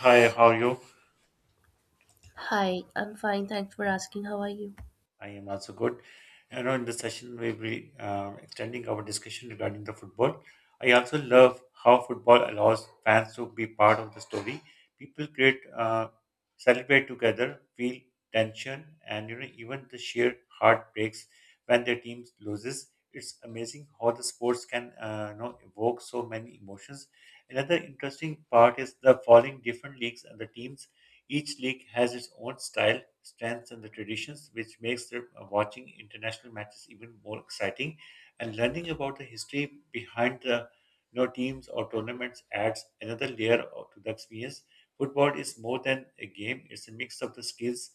Hi, how are you? Hi, I'm fine. Thanks for asking. How are you? I am also good. You know, In this session, we will be extending our discussion regarding the football. I also love how football allows fans to be part of the story. People create, celebrate together, feel tension, and even the sheer heartbreaks when their team loses. It's amazing how the sports can, evoke so many emotions. Another interesting part is the following different leagues and the teams. Each league has its own style, strengths, and the traditions, which makes the watching international matches even more exciting. And learning about the history behind the, teams or tournaments adds another layer to the experience. Football is more than a game; it's a mix of the skills,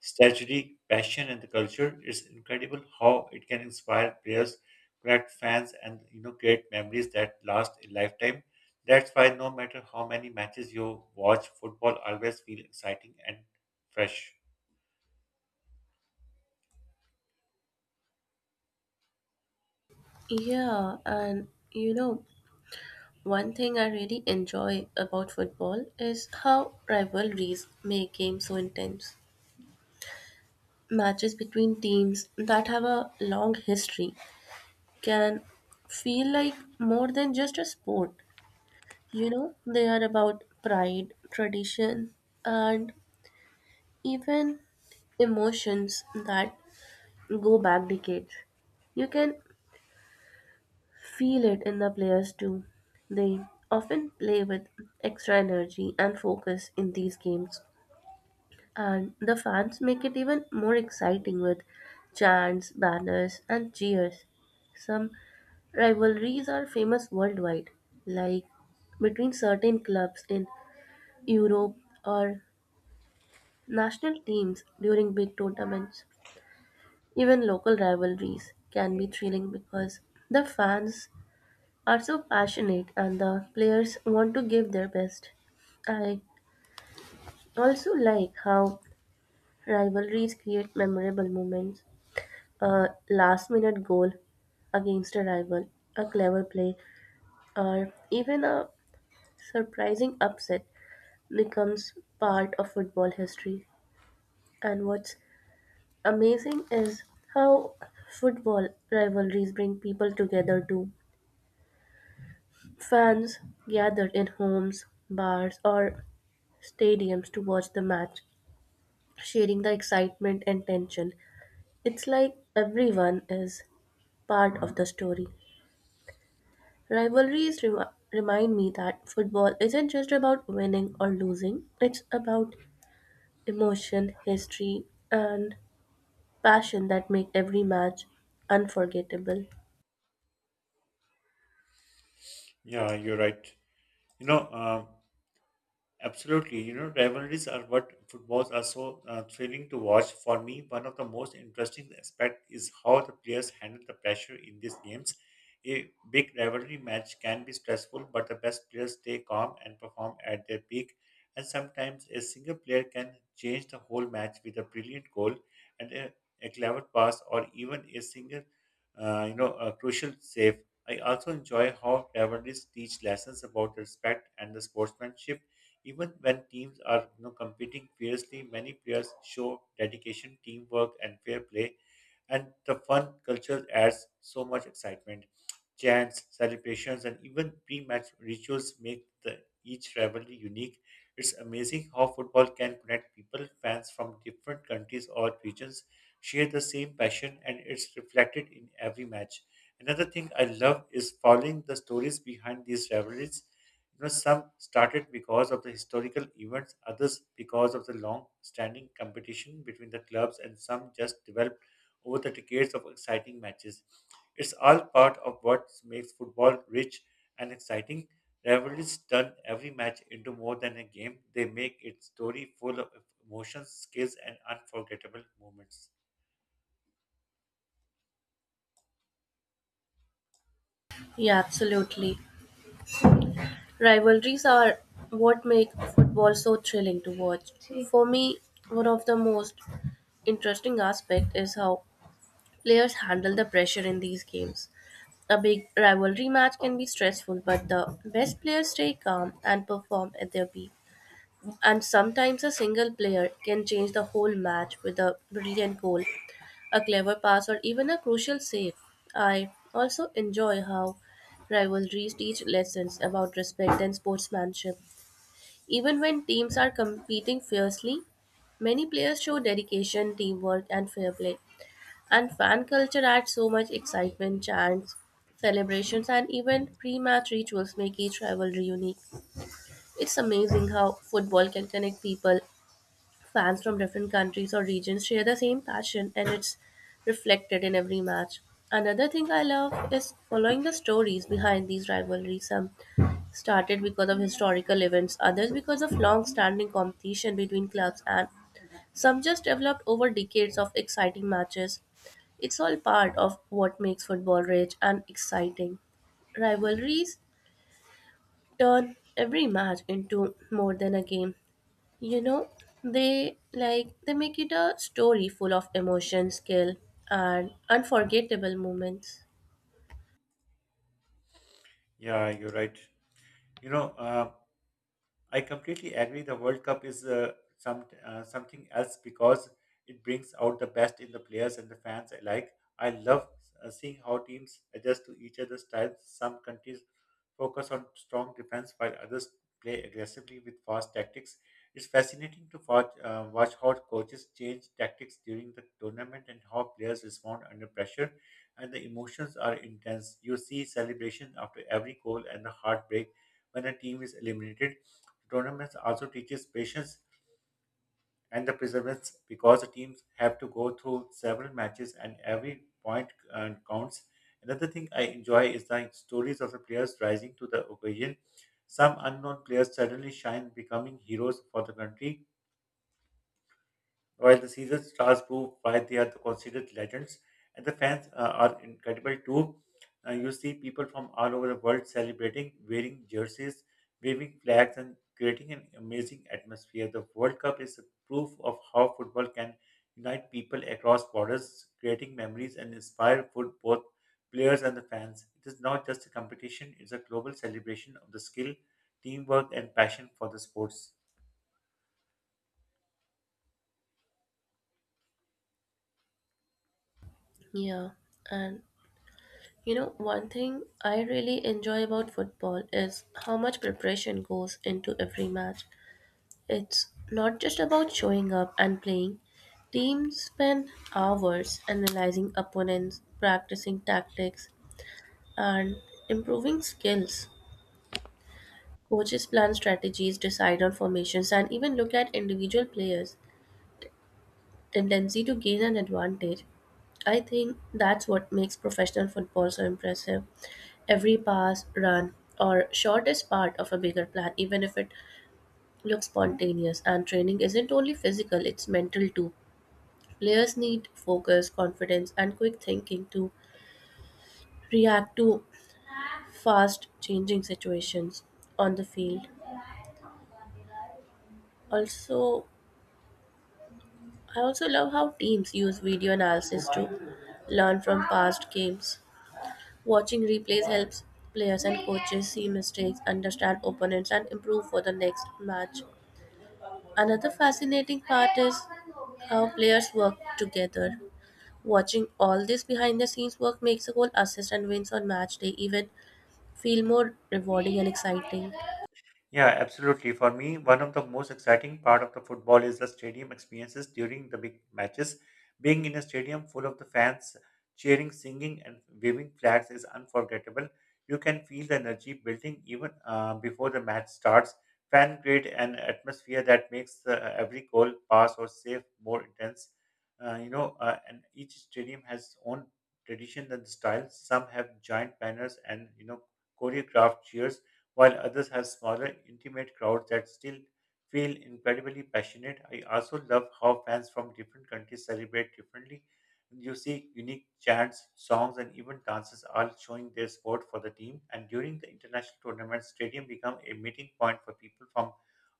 strategy, passion, and the culture. It's incredible how it can inspire players, connect fans, and create memories that last a lifetime. That's why no matter how many matches you watch, football always feels exciting and fresh. Yeah, and you know, one thing I really enjoy about football is how rivalries make games so intense. Matches between teams that have a long history can feel like more than just a sport. You know, they are about pride, tradition, and even emotions that go back decades. You can Feel it in the players too. They often play with extra energy and focus in these games, and the fans make it even more exciting with chants, banners, and cheers. Some rivalries are famous worldwide, like between certain clubs in Europe or national teams during big tournaments. Even local rivalries can be thrilling because the fans are so passionate and the players want to give their best. I also like how rivalries create memorable moments. A last minute goal against a rival, a clever play, or even a surprising upset becomes part of football history. And what's amazing is how football rivalries bring people together too. Fans gathered in homes, bars, or stadiums to watch the match, sharing the excitement and tension. It's like everyone is part of the story. Rivalries remind me that football isn't just about winning or losing, it's about emotion, history, and passion that make every match unforgettable. Yeah, you're right. You know, um, Absolutely, you know, rivalries are what footballs are so thrilling to watch. For me, one of the most interesting aspect is how the players handle the pressure in these games. A big rivalry match can be stressful, but the best players stay calm and perform at their peak. And sometimes a single player can change the whole match with a brilliant goal and a clever pass, or even a single, a crucial save. I also enjoy how rivalries teach lessons about respect and the sportsmanship, even when teams are, you know, competing fiercely, many players show dedication, teamwork, and fair play, and the fun culture adds so much excitement. Chants, celebrations, and even pre-match rituals make the each rivalry unique. It's amazing how football can connect people. Fans from different countries or regions share the same passion, and it's reflected in every match. Another thing I love is following the stories behind these rivalries. You know, some started because of the historical events, others because of the long-standing competition between the clubs, and some just developed over the decades of exciting matches. It's all part of what makes football rich and exciting. Rivalries turn every match into more than a game. They make its story full of emotions, skills, and unforgettable moments. Yeah, absolutely. Rivalries are what make football so thrilling to watch. For me, one of the most interesting aspect is how players handle the pressure in these games. A big rivalry match can be stressful, but the best players stay calm and perform at their peak. And sometimes a single player can change the whole match with a brilliant goal, a clever pass, or even a crucial save. I also enjoy how rivalries teach lessons about respect and sportsmanship. Even when teams are competing fiercely, many players show dedication, teamwork, and fair play. And fan culture adds so much excitement, chants, celebrations, and even pre match rituals make each rivalry unique. It's amazing how football can connect people. Fans from different countries or regions share the same passion, and it's reflected in every match. Another thing I love is following the stories behind these rivalries. Some started because of historical events, others because of long standing competition between clubs and some just developed over decades of exciting matches. It's all part of what makes football rich and exciting. Rivalries turn every match into more than a game. You know, they make it a story full of emotion, skill, and unforgettable moments. Yeah, you're right. You know, uh, I completely agree. The World Cup is something else because it brings out the best in the players and the fans alike. I love seeing how teams adjust to each other's styles. Some countries focus on strong defense while others play aggressively with fast tactics. It's fascinating to watch, how coaches change tactics during the tournament and how players respond under pressure. And the emotions are intense. You see celebration after every goal and the heartbreak when a team is eliminated. Tournaments also teaches patience and the perseverance because the teams have to go through several matches and every point counts. Another thing I enjoy is the stories of the players rising to the occasion. Some unknown players suddenly shine, becoming heroes for the country while the season stars prove why they are the considered legends, and the fans are incredible too. You see people from all over the world celebrating, wearing jerseys, waving flags, and creating an amazing atmosphere. The World Cup is a proof of how football can unite people across borders, creating memories and inspire foot both players and the fans. It is not just a competition; it's a global celebration of the skill, teamwork, and passion for the sports. Yeah, and you know, one thing I really enjoy about football is how much preparation goes into every match. It's not just about showing up and playing. Teams spend hours analyzing opponents, practicing tactics, and improving skills. Coaches plan strategies, decide on formations, and even look at individual players' tendency to gain an advantage. I think that's what makes professional football so impressive. Every pass, run, or shot is part of a bigger plan, even if it looks spontaneous. And training isn't only physical, it's mental too. Players need focus, confidence, and quick thinking to react to fast changing situations on the field. Also, I also love how teams use video analysis to learn from past games. Watching replays helps players and coaches see mistakes, understand opponents, and improve for the next match. Another fascinating part is how players work together. Watching all this behind the scenes work makes the whole assist and wins on match day even feel more rewarding and exciting. Yeah, absolutely. For me, one of the most exciting part of the football is the stadium experiences during the big matches. Being in a stadium full of the fans cheering, singing, and waving flags is unforgettable. You can feel the energy building even before the match starts. Fan create an atmosphere that makes every goal, pass, or save more intense. And each stadium has its own tradition and style. Some have giant banners and, you know, choreographed cheers while others have smaller, intimate crowds that still feel incredibly passionate. I also love how fans from different countries celebrate differently. You see unique chants, songs, and even dances all showing their support for the team. And during the international tournament, stadium become a meeting point for people from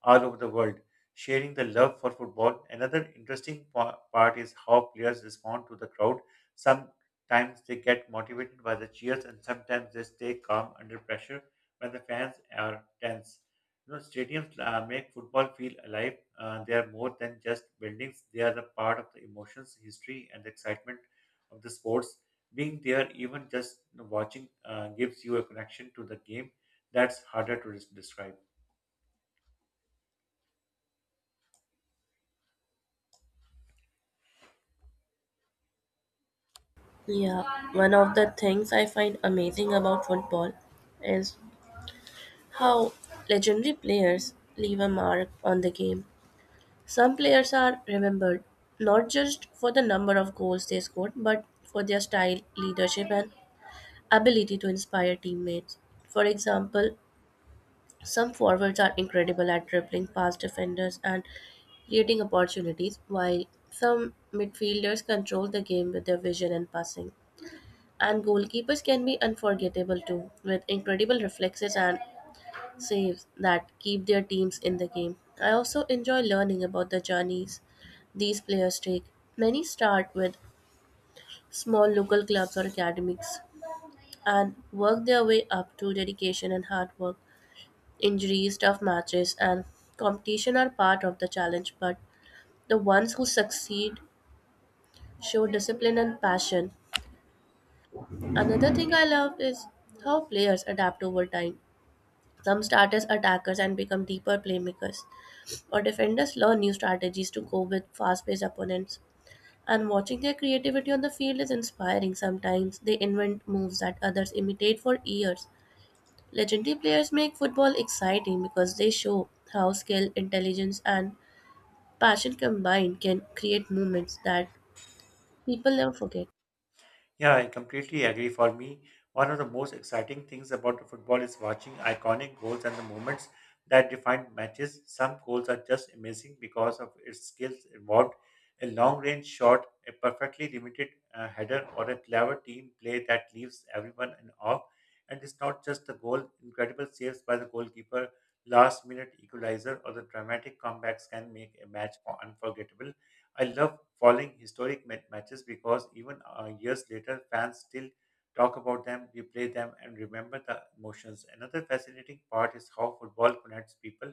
all over the world, sharing the love for football. Another interesting part is how players respond to the crowd. Sometimes they get motivated by the cheers, and sometimes they stay calm under pressure when the fans are tense. You know, stadiums make football feel alive. They are more than just buildings. They are the part of the emotions, history, and the excitement of the sports. Being there, even just watching, gives you a connection to the game that's harder to describe. Yeah, one of the things I find amazing about football is how legendary players leave a mark on the game. Some players are remembered not just for the number of goals they scored, but for their style, leadership, and ability to inspire teammates. For example, some forwards are incredible at dribbling past defenders and creating opportunities, while some midfielders control the game with their vision and passing. And goalkeepers can be unforgettable too, with incredible reflexes and saves that keep their teams in the game. I also enjoy learning about the journeys these players take. Many start with small local clubs or academies and work their way up to dedication and hard work. Injuries, tough matches, and competition are part of the challenge, but the ones who succeed show discipline and passion. Another thing I love is how players adapt over time. Some start as attackers and become deeper playmakers, or defenders learn new strategies to cope with fast paced opponents. And watching their creativity on the field is inspiring sometimes. They invent moves that others imitate for years. Legendary players make football exciting because they show how skill, intelligence, and passion combined can create moments that people never forget. Yeah, I completely agree. For me, one of the most exciting things about the football is watching iconic goals and the moments that define matches. Some goals are just amazing because of its skills involved. A long range shot, a perfectly limited header, or a clever team play that leaves everyone in awe. And it's not just the goal, incredible saves by the goalkeeper, last minute equalizer, or the dramatic comebacks can make a match unforgettable. I love following historic matches because even years later, fans still talk about them, replay them, and remember the emotions. Another fascinating part is how football connects people.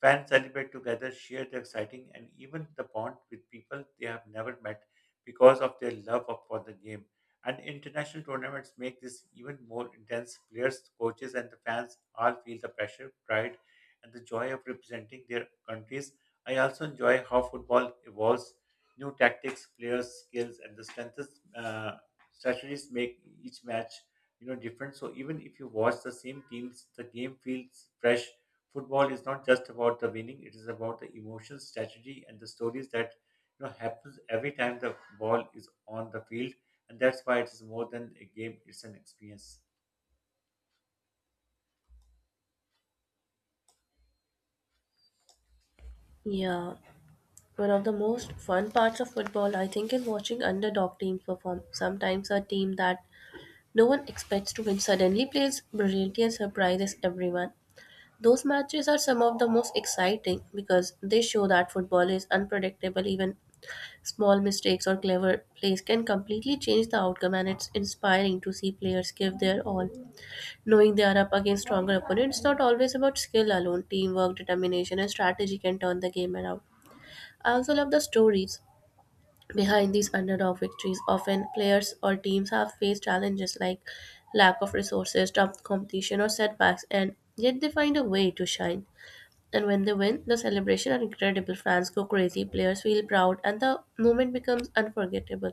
Fans celebrate together, share the exciting, and even the bond with people they have never met because of their love for the game. And international tournaments make this even more intense. Players, coaches, and the fans all feel the pressure, pride, and the joy of representing their countries. I also enjoy how football evolves. New tactics, players' skills, and the strengths strategies make each match, you know, different. So even if you watch the same teams, the game feels fresh. Football is not just about the winning, it is about the emotion, strategy, and the stories that, you know, happens every time the ball is on the field, and that's why it is more than a game. It's an experience. Yeah, one of the most fun parts of football, I think, is watching underdog teams perform. Sometimes a team that no one expects to win suddenly plays brilliantly and surprises everyone. Those matches are some of the most exciting because they show that football is unpredictable. Even small mistakes or clever plays can completely change the outcome, and it's inspiring to see players give their all, knowing they are up against stronger opponents. It's not always about skill alone. Teamwork, determination, and strategy can turn the game around. I also love the stories behind these underdog victories. Often, players or teams have faced challenges like lack of resources, tough competition, or setbacks, and yet they find a way to shine. And when they win, the celebration are incredible. Fans go crazy, players feel proud, and the moment becomes unforgettable.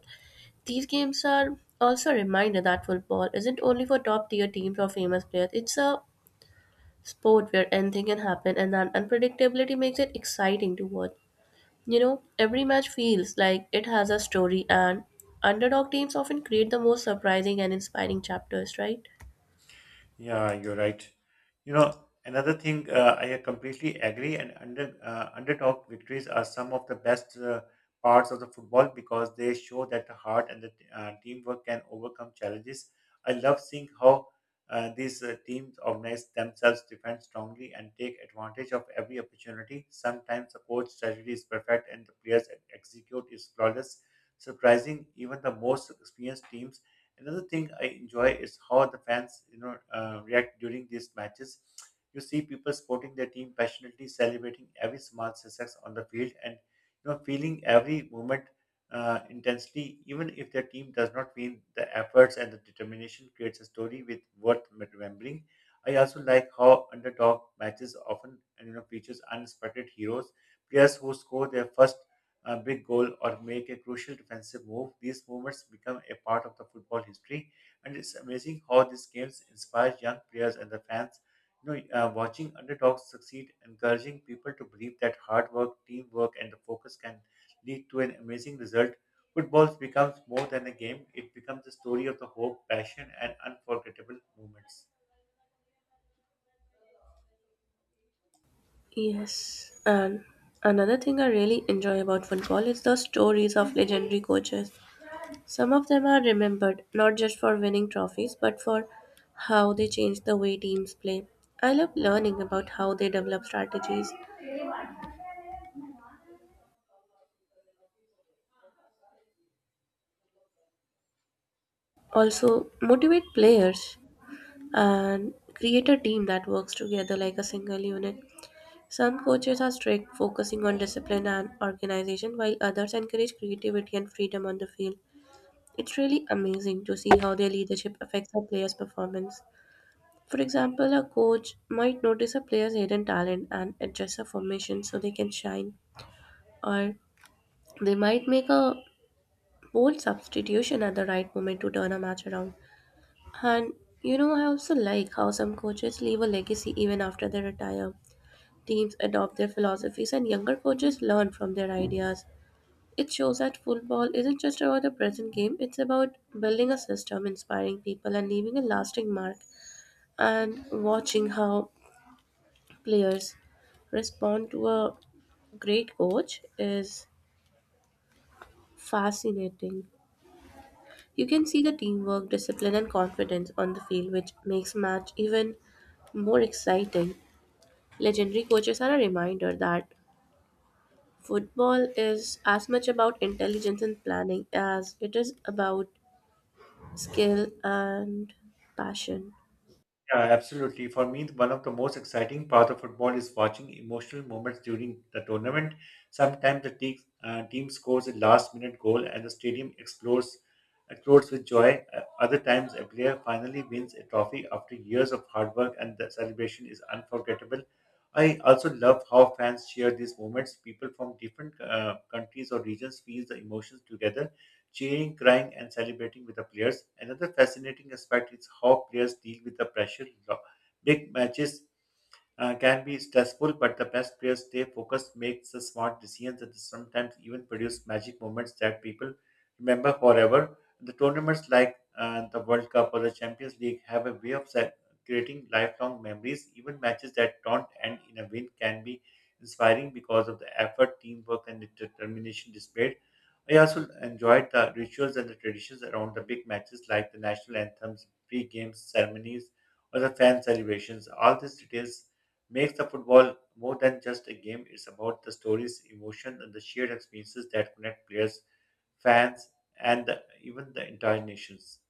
These games are also a reminder that football isn't only for top tier teams or famous players, it's a sport where anything can happen and that unpredictability makes it exciting to watch. You know, every match feels like it has a story and underdog teams often create the most surprising and inspiring chapters, right? Yeah, you're right. You know, Another thing, I completely agree, and underdog victories are some of the best parts of the football because they show that the heart and the teamwork can overcome challenges. I love seeing how these teams organize themselves, defend strongly, and take advantage of every opportunity. Sometimes the coach strategy is perfect and the players execute is flawless, surprising even the most experienced teams. Another thing I enjoy is how the fans, react during these matches. You see people supporting their team passionately, celebrating every small success on the field, and, you know, feeling every moment intensely, even if their team does not win. The efforts and the determination creates a story with worth remembering. I also like how underdog matches often, you know, features unexpected heroes, players who score their first a big goal or make a crucial defensive move. These moments become a part of the football history. And it's amazing how these games inspire young players and the fans. You know, Watching underdogs succeed, encouraging people to believe that hard work, teamwork, and the focus can lead to an amazing result. Football becomes more than a game; it becomes a story of the hope, passion, and unforgettable moments. Yes. And another thing I really enjoy about football is the stories of legendary coaches. Some of them are remembered not just for winning trophies but for how they changed the way teams play. I love learning about how they develop strategies, also motivate players and create a team that works together like a single unit. Some coaches are strict, focusing on discipline and organization, while others encourage creativity and freedom on the field. It's really amazing to see how their leadership affects a player's performance. For example, a coach might notice a player's hidden talent and adjust a formation so they can shine, or they might make a bold substitution at the right moment to turn a match around. And you know, I also like how some coaches leave a legacy even after they retire. Teams adopt their philosophies, and younger coaches learn from their ideas. It shows that football isn't just about the present game, it's about building a system, inspiring people, and leaving a lasting mark. And watching how players respond to a great coach is fascinating. You can see the teamwork, discipline, and confidence on the field, which makes match even more exciting. Legendary coaches are a reminder that football is as much about intelligence and planning as it is about skill and passion. Yeah, absolutely. For me, one of the most exciting part of football is watching emotional moments during the tournament. Sometimes the team, scores a last-minute goal and the stadium explodes with joy. Other times, a player finally wins a trophy after years of hard work, and the celebration is unforgettable. I also love how fans share these moments. People from different countries or regions feel the emotions together, cheering, crying, and celebrating with the players. Another fascinating aspect is how players deal with the pressure. Big matches can be stressful, but the best players stay focused, make the smart decisions, and sometimes even produce magic moments that people remember forever. The tournaments like the World Cup or the Champions League have a way of creating lifelong memories. Even matches that don't end in a win can be inspiring because of the effort, teamwork, and the determination displayed. I also enjoyed the rituals and the traditions around the big matches, like the national anthems, pre-game ceremonies, or the fan celebrations. All these details makes the football more than just a game. It's about the stories, emotion, and the shared experiences that connect players, fans, and the, even the entire nations.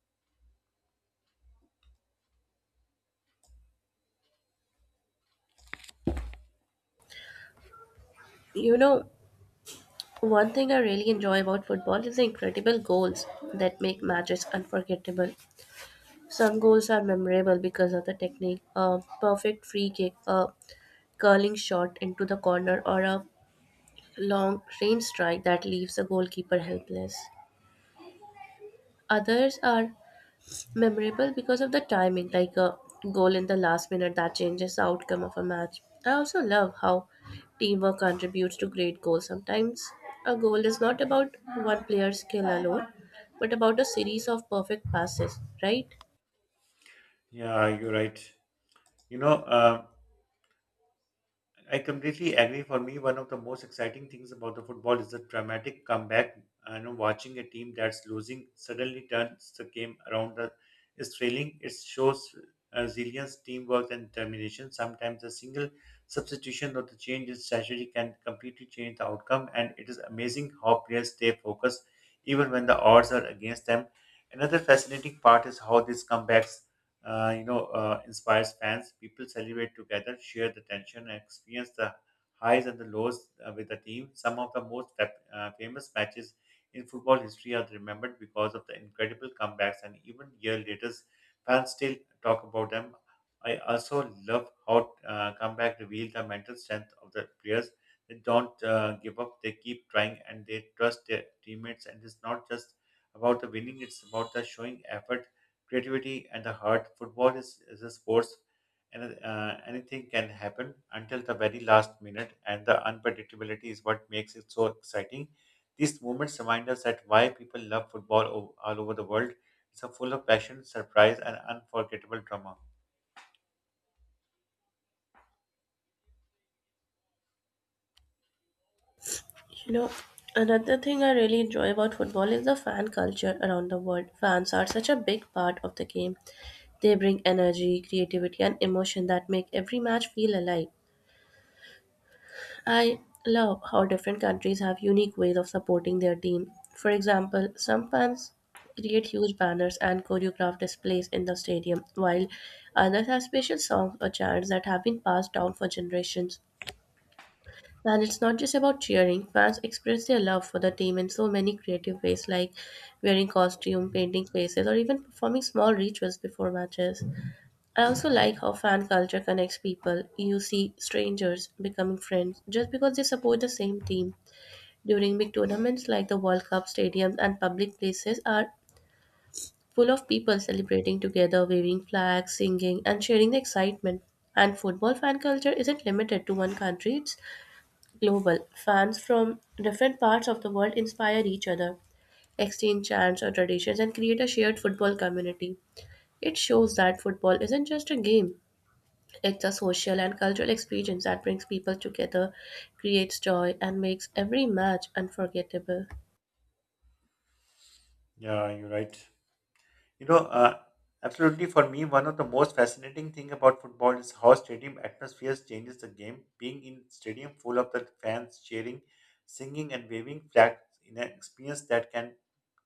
You know, one thing I really enjoy about football is the incredible goals that make matches unforgettable. Some goals are memorable because of the technique, a perfect free kick, a curling shot into the corner, or a long range strike that leaves the goalkeeper helpless. Others are memorable because of the timing, like a goal in the last minute that changes the outcome of a match. I also love how teamwork contributes to great goals. Sometimes a goal is not about one player's skill alone, but about a series of perfect passes, right? Yeah, you're right. You know, um, I completely agree. For me, one of the most exciting things about the football is the dramatic comeback. I know watching a team that's losing suddenly turns the game around is thrilling. It shows resilience, teamwork, and determination. Sometimes a single substitution or the change in strategy can completely change the outcome, and it is amazing how players stay focused even when the odds are against them. Another fascinating part is how these comebacks inspires fans. People celebrate together, share the tension, and experience the highs and the lows with the team. Some of the most famous matches in football history are remembered because of the incredible comebacks, and even year later, fans still talk about them. I also love how comeback reveal the mental strength of the players. They don't give up. They keep trying, and they trust their teammates. And it's not just about the winning; it's about the showing effort, creativity and the heart. Football is a sports, and anything can happen until the very last minute, and the unpredictability is what makes it so exciting. These moments remind us that why people love football all over the world. It's a full of passion, surprise, and unforgettable drama. You know, another thing I really enjoy about football is the fan culture around the world. Fans are such a big part of the game. They bring energy, creativity, and emotion that make every match feel alive. I love how different countries have unique ways of supporting their team. For example, some fans create huge banners and choreographed displays in the stadium, while others have special songs or chants that have been passed down for generations. And it's not just about cheering, fans express their love for the team in so many creative ways, like wearing costume, painting faces, or even performing small rituals before matches. I also like how fan culture connects people. You see strangers becoming friends just because they support the same team. During big tournaments like the World Cup, stadiums and public places are full of people celebrating together, waving flags, singing, and sharing the excitement. And football fan culture isn't limited to one country, it's global. Fans from different parts of the world inspire each other, exchange chants or traditions, and create a shared football community. It shows that football isn't just a game, it's a social and cultural experience that brings people together, creates joy, and makes every match unforgettable. Yeah, you're right. You know, uh, Absolutely, for me, one of the most fascinating thing about football is how stadium atmospheres changes the game. Being in stadium full of the fans cheering, singing and waving flags in an experience that can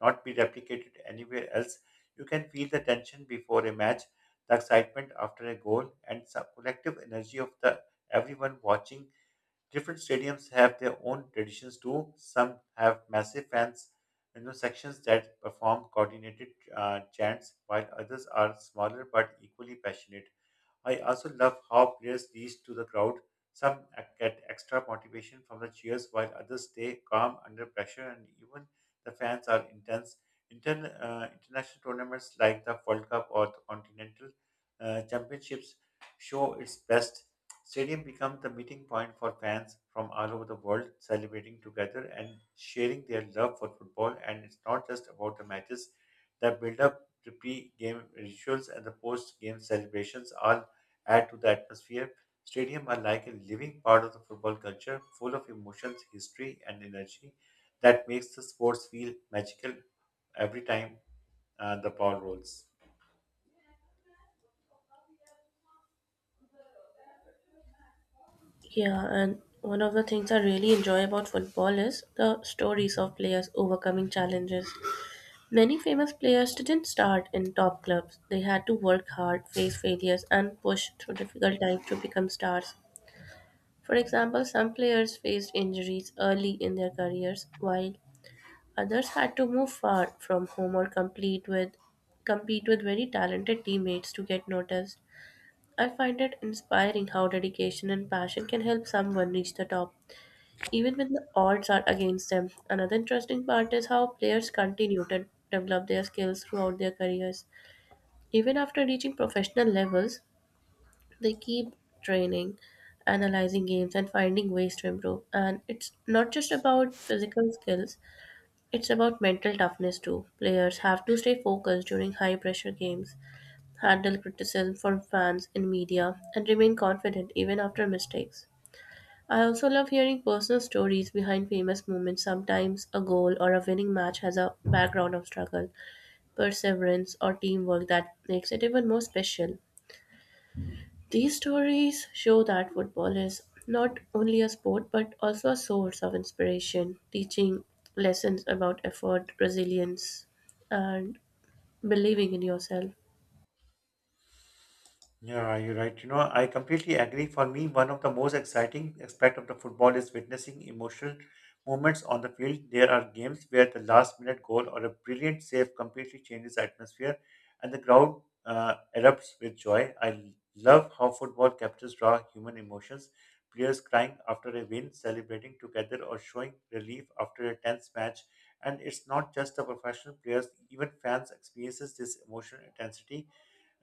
not be replicated anywhere else. You can feel the tension before a match, the excitement after a goal, and the collective energy of the everyone watching different stadiums have their own traditions too. Some have massive fans, you know, sections that perform coordinated chants, while others are smaller but equally passionate. I also love how players reach to the crowd. Some get extra motivation from the cheers, while others stay calm under pressure, and even the fans are intense. International tournaments like the World Cup or the Continental Championships show its best. Stadium become the meeting point for fans from all over the world celebrating together and sharing their love for football. And it's not just about the matches. The build-up, the pre-game rituals, and the post-game celebrations all add to the atmosphere. Stadium are like a living part of the football culture, full of emotions, history, and energy that makes the sports feel magical every time the ball rolls. Yeah, and one of the things I really enjoy about football is the stories of players overcoming challenges. Many famous players didn't start in top clubs, they had to work hard, face failures, and push through difficult times to become stars. For example, some players faced injuries early in their careers, while others had to move far from home or complete with compete with very talented teammates to get noticed. I find it inspiring how dedication and passion can help someone reach the top, even when the odds are against them. Another interesting part is how players continue to develop their skills throughout their careers. Even after reaching professional levels, they keep training, analyzing games, and finding ways to improve. And it's not just about physical skills, it's about mental toughness too. Players have to stay focused during high pressure games, handle criticism from fans and media, and remain confident even after mistakes. I also love hearing personal stories behind famous moments. Sometimes a goal or a winning match has a background of struggle, perseverance, or teamwork that makes it even more special. These stories show that football is not only a sport but also a source of inspiration, teaching lessons about effort, resilience, and believing in yourself. Yeah, you're right. You know, I completely agree. For me, one of the most exciting aspect of the football is witnessing emotional moments on the field. There are games where the last minute goal or a brilliant save completely changes the atmosphere and the crowd erupts with joy. I love how football captures raw human emotions. Players crying after a win, celebrating together, or showing relief after a tense match. And it's not just the professional players, even fans experiences this emotional intensity.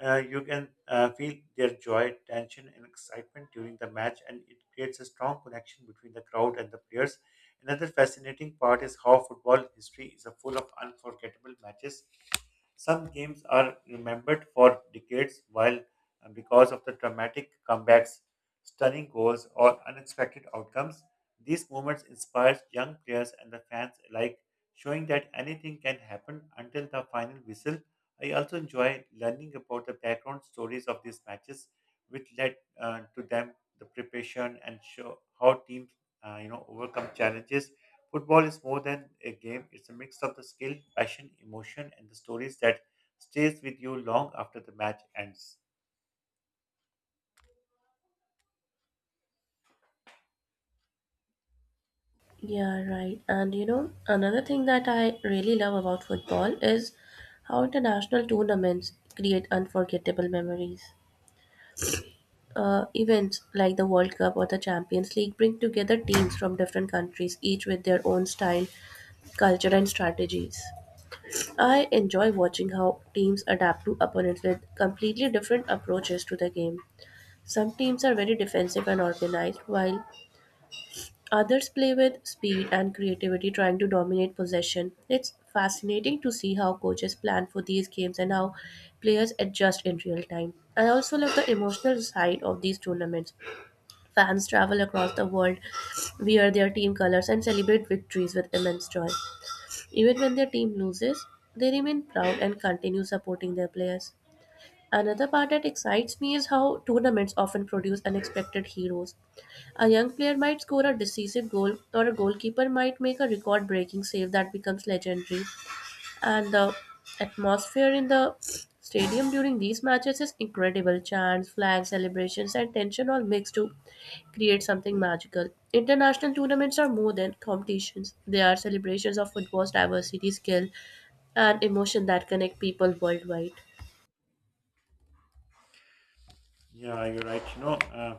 You can feel their joy, tension, and excitement during the match, and it creates a strong connection between the crowd and the players. Another fascinating part is how football history is full of unforgettable matches. Some games are remembered for decades, while because of the dramatic comebacks, stunning goals, or unexpected outcomes, these moments inspire young players and the fans alike, showing that anything can happen until the final whistle. I also enjoy learning about the background stories of these matches, which led to them, the preparation, and show how teams overcome challenges. Football is more than a game; it's a mix of the skill, passion, emotion, and the stories that stays with you long after the match ends. Yeah, right. And you know, another thing that I really love about football is how international tournaments create unforgettable memories. Events like the World Cup or the Champions League bring together teams from different countries, each with their own style, culture, and strategies. I enjoy watching how teams adapt to opponents with completely different approaches to the game. Some teams are very defensive and organized, while others play with speed and creativity, trying to dominate possession. It's fascinating to see how coaches plan for these games and how players adjust in real time. I also love the emotional side of these tournaments. Fans travel across the world, wear their team colors, and celebrate victories with immense joy. Even when their team loses, they remain proud and continue supporting their players. Another part that excites me is how tournaments often produce unexpected heroes. A young player might score a decisive goal, or a goalkeeper might make a record breaking save that becomes legendary. And the atmosphere in the stadium during these matches is incredible. Chants, flags, celebrations, and tension all mix to create something magical. International tournaments are more than competitions, they are celebrations of football's diversity, skill, and emotion that connect people worldwide. Yeah, you're right.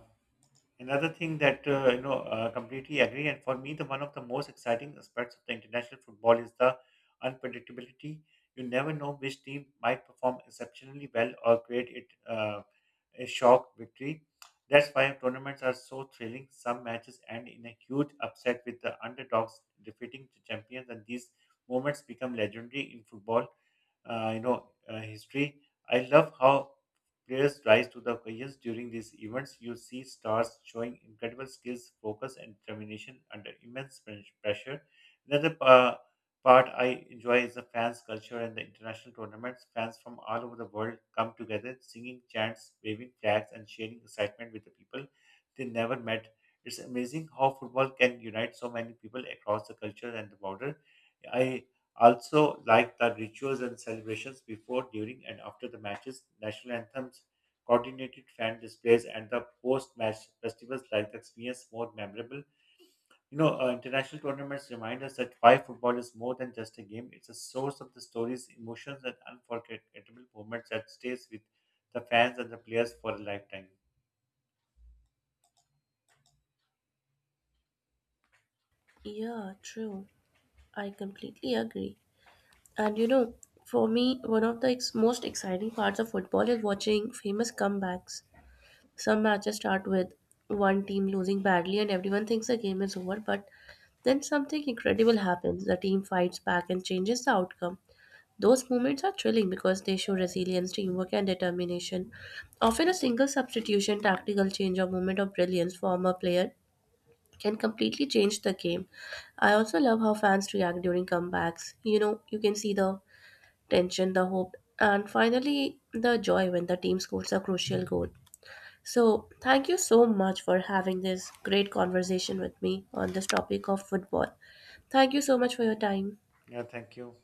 Another thing that completely agree, and for me, the one of the most exciting aspects of the international football is the unpredictability. You never know which team might perform exceptionally well or create it a shock victory. That's why tournaments are so thrilling. Some matches end in a huge upset with the underdogs defeating the champions, and these moments become legendary in football history. I love how players rise to the occasions during these events. You see stars showing incredible skills, focus, and determination under immense pressure. Another pa- part I enjoy is the fans' culture and the international tournaments. Fans from all over the world come together, singing chants, waving flags, and sharing excitement with the people they never met. It's amazing how football can unite so many people across the culture and the border. I also, like the rituals and celebrations before, during, and after the matches, national anthems, coordinated fan displays, and the post-match festivals like the experience more memorable. International tournaments remind us that why football is more than just a game. It's a source of the stories, emotions, and unforgettable moments that stays with the fans and the players for a lifetime. Yeah, true. I completely agree. And you know, for me, one of the ex- most exciting parts of football is watching famous comebacks. Some matches start with one team losing badly and everyone thinks the game is over, but then something incredible happens. The team fights back and changes the outcome. Those moments are thrilling because they show resilience, teamwork, and determination. Often, a single substitution, tactical change, or moment of brilliance from a player can completely change the game. I also love how fans react during comebacks. You know, you can see the tension, the hope, and finally the joy when the team scores a crucial goal. So, thank you so much for having this great conversation with me on this topic of football. Thank you so much for your time. Yeah, thank you.